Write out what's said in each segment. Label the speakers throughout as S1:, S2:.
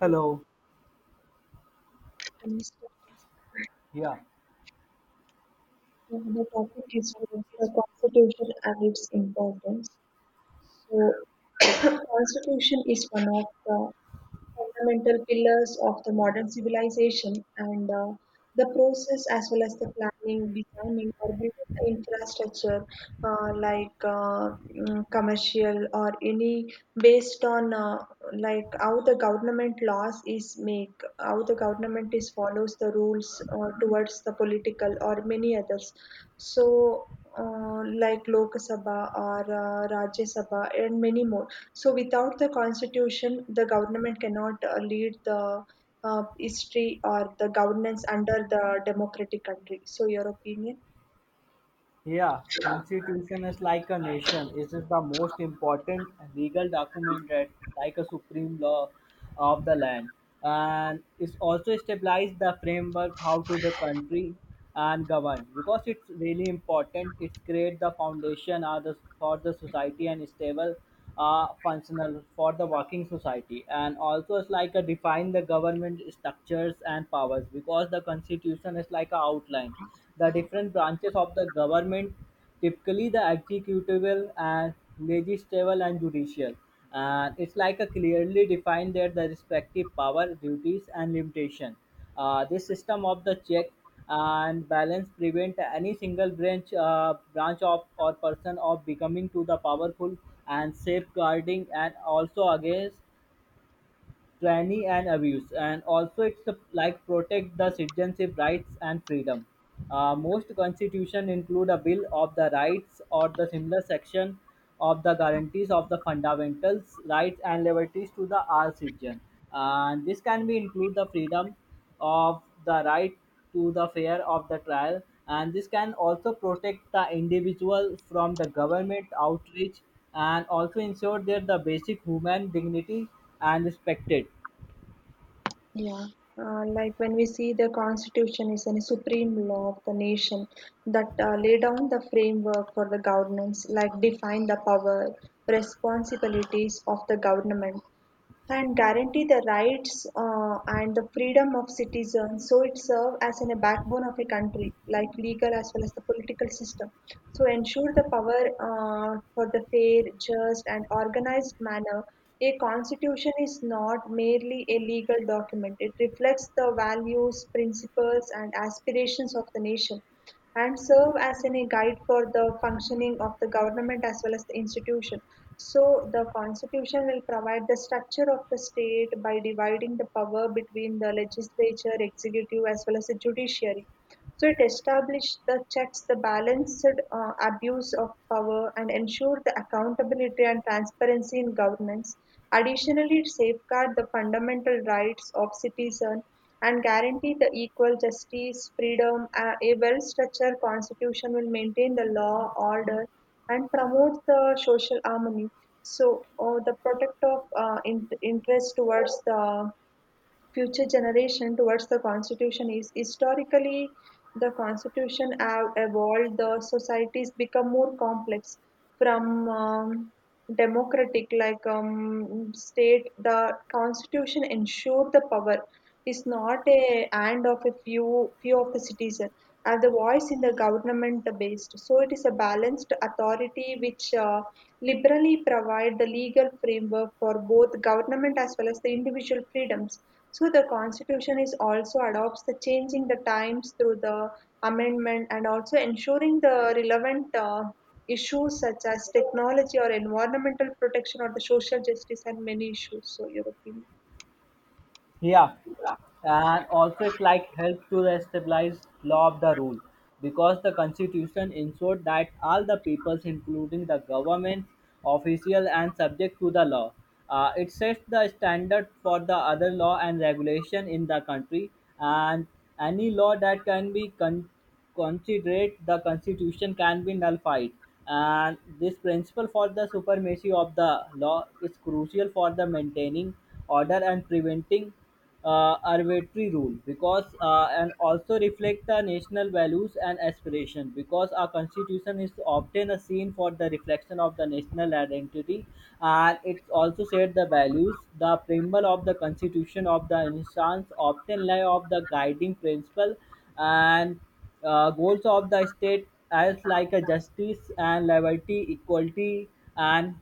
S1: Hello.
S2: And stuff.
S1: Yeah.
S2: Yeah, the topic is towards the constitution and its importance. So, constitution is one of the fundamental pillars of the modern civilization and the process as well as the planning, designing or building the infrastructure uh, like uh, commercial or any based on like how the government laws is make, how the government is follows the rules towards the political or many others. So like Lok Sabha or Rajya Sabha and many more. So without the constitution, the government cannot lead the history or the governance under the democratic country. So your opinion?
S1: Yeah. Constitution is like a nation. It is the most important legal document, that like a supreme law of the land. And it's also established the framework how to the country and govern because it's really important. It's create the foundation or for the society and stable, functional for the working society. And also it's like a define the government structures and powers because the constitution is like a outline the different branches of the government, typically the executival and legislative and judicial. And it's like a clearly defined the respective power, duties, and limitation. This system of the check and balance prevent any single branch, branch of or person of becoming to the powerful and safeguarding and also against tyranny and abuse. And also it's a, like protect the citizenship rights and freedom. Most constitution include a bill of the rights or the similar section of the guarantees of the fundamentals rights and liberties to the all citizen. And this can be include the freedom of the right to the fair of the trial. And this can also protect the individual from the government outreach and also ensure that the basic human dignity and respected.
S2: Yeah. Like when we see the constitution is a supreme law of the nation that lay down the framework for the governance like define the power responsibilities of the government and guarantee the rights and the freedom of citizens. So it serves as in a backbone of a country, like legal as well as the political system. So ensure the power for the fair, just, and organized manner. A constitution is not merely a legal document. It reflects the values, principles, and aspirations of the nation and serve as an, a guide for the functioning of the government as well as the institution. So the constitution will provide the structure of the state by dividing the power between the legislature, executive, as well as the judiciary. So it established the checks, the balanced abuse of power, and ensured the accountability and transparency in governance. Additionally, it safeguard the fundamental rights of citizens and guarantee the equal justice, freedom. A well-structured constitution will maintain the law, order, and promotes the social harmony. So, the protect of interest towards the future generation towards the Constitution is. Historically, the Constitution have evolved, the societies become more complex from democratic, like state. The Constitution ensure the power is not a hand of a few of the citizen and the voice in the government based. So it is a balanced authority which liberally provide the legal framework for both government as well as the individual freedoms. So the Constitution is also adopts the changing the times through the amendment and also ensuring the relevant issues such as technology or environmental protection or the social justice and many issues. So European.
S1: Yeah. And also it like helped to stabilize law of the rule because the constitution ensured that all the peoples including the government official and subject to the law. It sets the standard for the other law and regulation in the country. And any law that can be considered the constitution can be nullified. And this principle for the supremacy of the law is crucial for the maintaining order and preventing arbitrary rule. Because uh, and also reflect the national values and aspiration because our constitution is often a scene for the reflection of the national identity. And it also said the values, the preamble of the constitution of the instance often lie of the guiding principle and goals of the state as like a justice and liberty equality and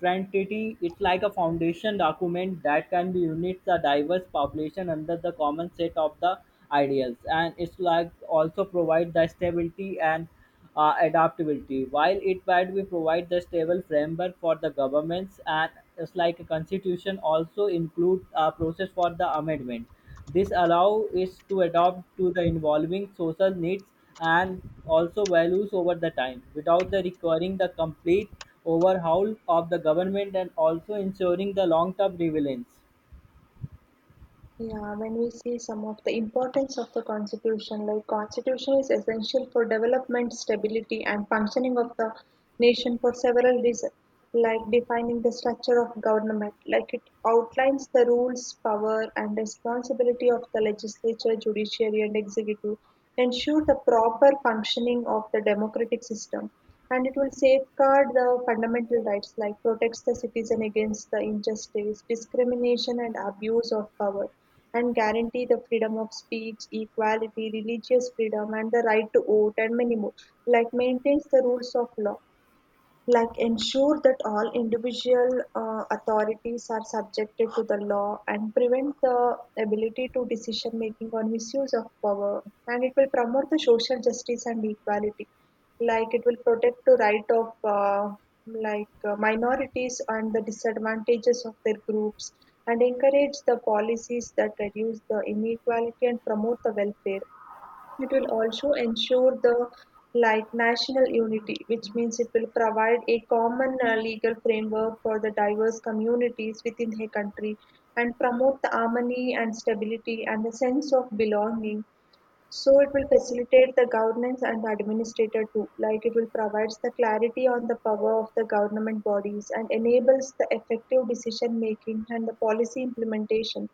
S1: identity. It's like a foundation document that can be unit the diverse population under the common set of the ideals. And it's like also provide the stability and adaptability. While it might we provide the stable framework for the governments, and it's like a constitution also include a process for the amendment, this allow is to adopt to the involving social needs and also values over the time without the requiring the complete overhaul of the government and also ensuring the long term relevance.
S2: Yeah, when we see some of the importance of the constitution, like constitution is essential for development, stability, and functioning of the nation for several reasons, like defining the structure of government, like it outlines the rules, power, and responsibility of the legislature, judiciary, and executive, ensure the proper functioning of the democratic system and it will safeguard the fundamental rights like protects the citizen against the injustice discrimination and abuse of power and guarantee the freedom of speech equality religious freedom and the right to vote and many more like maintains the rules of law like ensure that all individual authorities are subjected to the law and prevent the ability to decision making or misuse of power and it will promote the social justice and equality like it will protect the right of minorities and the disadvantages of their groups and encourage the policies that reduce the inequality and promote the welfare. It will also ensure the like national unity, which means it will provide a common legal framework for the diverse communities within a country and promote the harmony and stability and the sense of belonging, so it will facilitate the governance and the administrator too, like it will provides the clarity on the power of the government bodies and enables the effective decision making and the policy implementation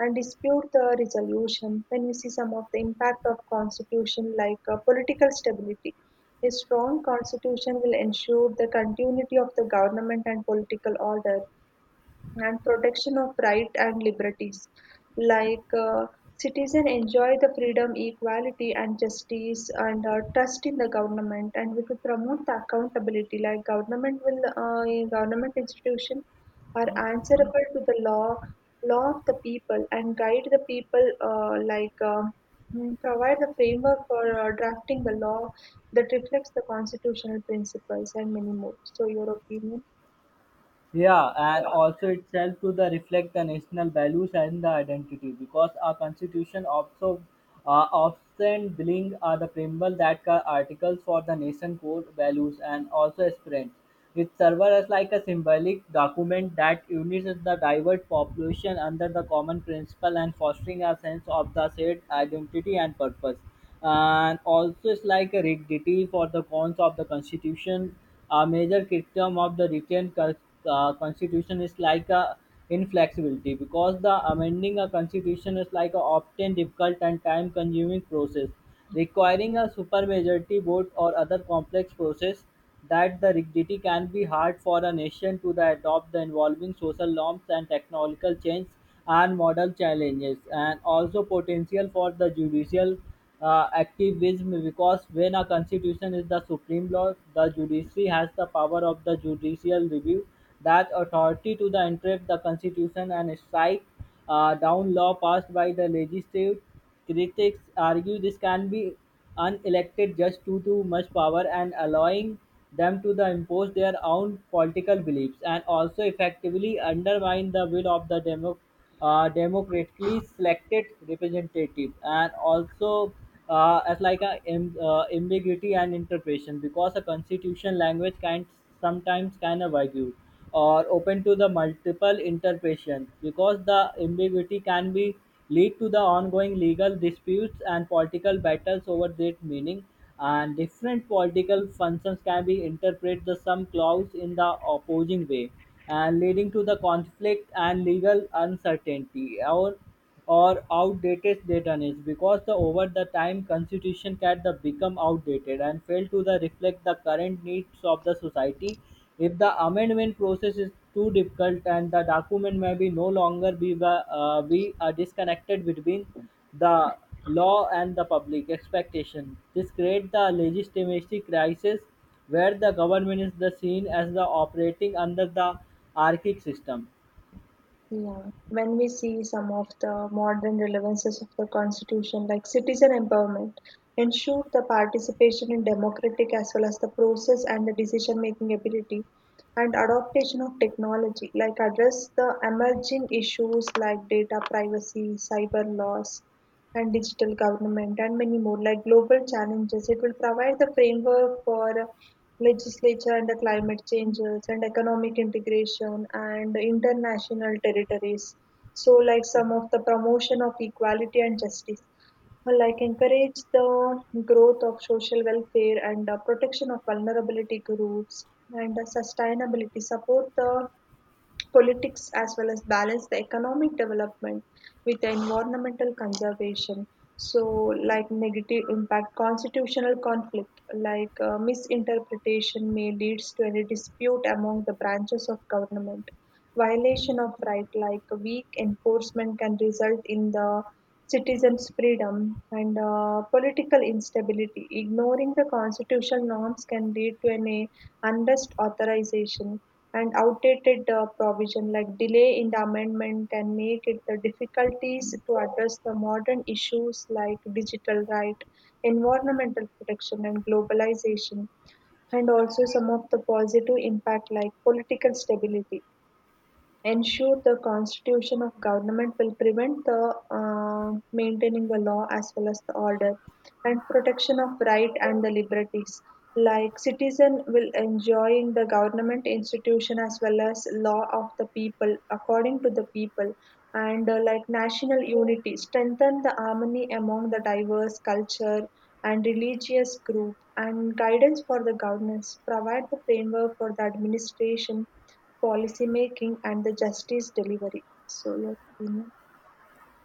S2: and dispute the resolution. When we see some of the impact of constitution like political stability. A strong constitution will ensure the continuity of the government and political order, and protection of right and liberties like citizen enjoy the freedom equality and justice and trust in the government and we could promote the accountability like government will in government institution are answerable to the law, law of the people and guide the people provide the framework for drafting the law that reflects the constitutional principles and many more. So your opinion?
S1: Yeah, and also itself to the reflect the national values and the identity because our constitution also often bring the preamble that articles for the nation code values and also aspirants. It serves as like a symbolic document that unites the diverse population under the common principle and fostering a sense of the shared identity and purpose. And also it's like a rigidity for the cons of the constitution. A major criticism of the written constitution is like a inflexibility because the amending a constitution is like a often difficult and time consuming process, requiring a supermajority vote or other complex process. That the rigidity can be hard for a nation to the adopt the involving social norms and technological change and model challenges. And also potential for the judicial activism because when a constitution is the supreme law, the judiciary has the power of the judicial review, that authority to the interpret the constitution and strike down law passed by the legislative. Critics argue this can be unelected just too much power and allowing them to the impose their own political beliefs and also effectively undermine the will of the democracy, democratically selected representative. And also as like a am- ambiguity and interpretation because a constitution language can sometimes kind of argue or open to the multiple interpretation because the ambiguity can be lead to the ongoing legal disputes and political battles over their meaning. And different political functions can be interpreted the some clause in the opposing way and leading to the conflict and legal uncertainty. Or outdated datanes because the over the time constitution can the become outdated and fail to the reflect the current needs of the society. If the amendment process is too difficult, and the document may be no longer be, be disconnected between the law and the public expectation. This creates the legitimacy crisis where the government is the seen as the operating under the archaic system.
S2: Yeah, when we see some of the modern relevances of the constitution, like citizen empowerment, ensure the participation in democratic as well as the process and the decision making ability, and adaptation of technology, like address the emerging issues like data privacy, cyber laws, and digital government, and many more, like global challenges. It will provide the framework for legislature and the climate changes and economic integration and international territories. So, like some of the promotion of equality and justice, like encourage the growth of social welfare and protection of vulnerability groups and sustainability, support the politics as well as balance the economic development with the environmental conservation. So like negative impact constitutional conflict like misinterpretation may leads to any dispute among the branches of government, violation of right like weak enforcement can result in the citizens freedom and political instability, ignoring the constitutional norms can lead to an unrest authorization and outdated provision like delay in the amendment can make it the difficulties to address the modern issues like digital right, environmental protection and globalization. And also some of the positive impact like political stability, ensure the constitution of government will prevent the maintaining the law as well as the order and protection of right and the liberties like citizen will enjoying the government institution as well as law of the people according to the people and like national unity strengthen the harmony among the diverse culture and religious group and guidance for the governance provide the framework for the administration, policy making and the justice delivery. So, your opinion?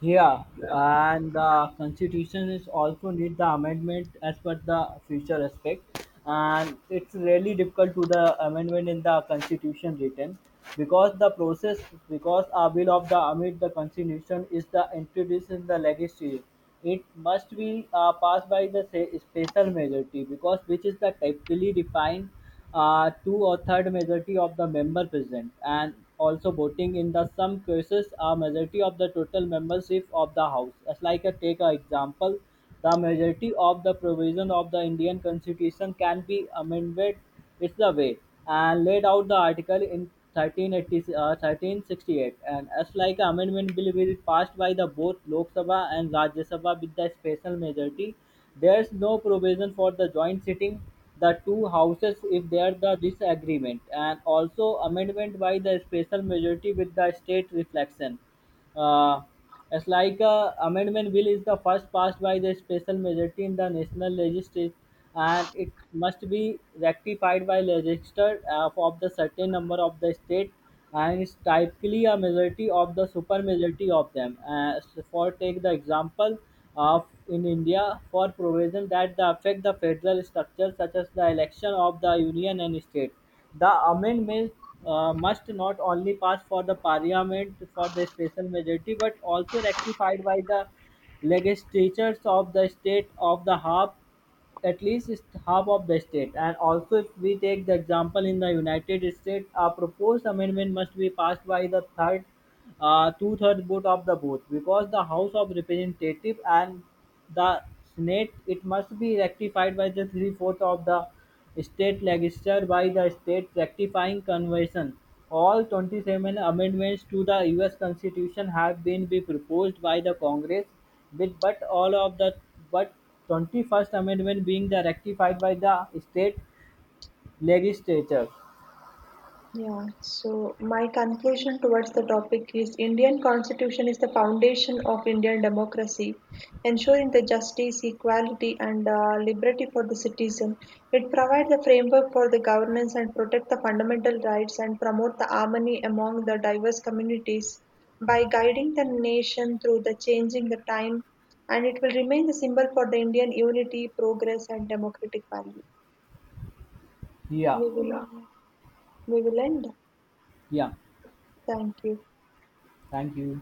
S1: Yeah,
S2: Yeah.
S1: and the constitution is also need the amendment as per the future aspect, and it's really difficult to the amendment in the constitution written because the process, because a bill of the amid the constitution is the introduced in the legislature. It must be passed by the say, special majority because which is the typically defined two or third majority of the member present and also voting. In the some cases, a majority of the total membership of the house, as like a take a example, the majority of the provision of the Indian constitution can be amended, it's the way and laid out the article in 1380, 1368. And as like amendment bill will be passed by the both Lok Sabha and Rajya Sabha with the special majority. There's no provision for the joint sitting the two houses if there the disagreement. And also amendment by the special majority with the state reflection. Uh, it's like a amendment bill is the first passed by the special majority in the national legislature, and it must be rectified by legislature of the certain number of the state, and it's typically a majority of the super majority of them. So for take the example of in India for provision that the affect the federal structure such as the election of the union and state. The amendment must not only pass for the parliament for the special majority, but also rectified by the legislatures of the state of the harp at least is half of the state. And also, if we take the example in the United States, a proposed amendment must be passed by the two-thirds vote of the vote because the House of Representatives and the Senate. It must be rectified by the three-fourths of the state legislature by the state rectifying convention. All 27 amendments to the U.S. Constitution have been be proposed by the Congress, with but all of the but 21st Amendment being the ratified by the state legislature.
S2: Yeah, so my conclusion towards the topic is Indian Constitution is the foundation of Indian democracy, ensuring the justice, equality and liberty for the citizen. It provides the framework for the governance and protect the fundamental rights and promote the harmony among the diverse communities by guiding the nation through the changing the time and it will remain the symbol for the Indian unity, progress and democratic value.
S1: Yeah,
S2: We will, we will end.
S1: yeah.
S2: Thank you.
S1: Thank you.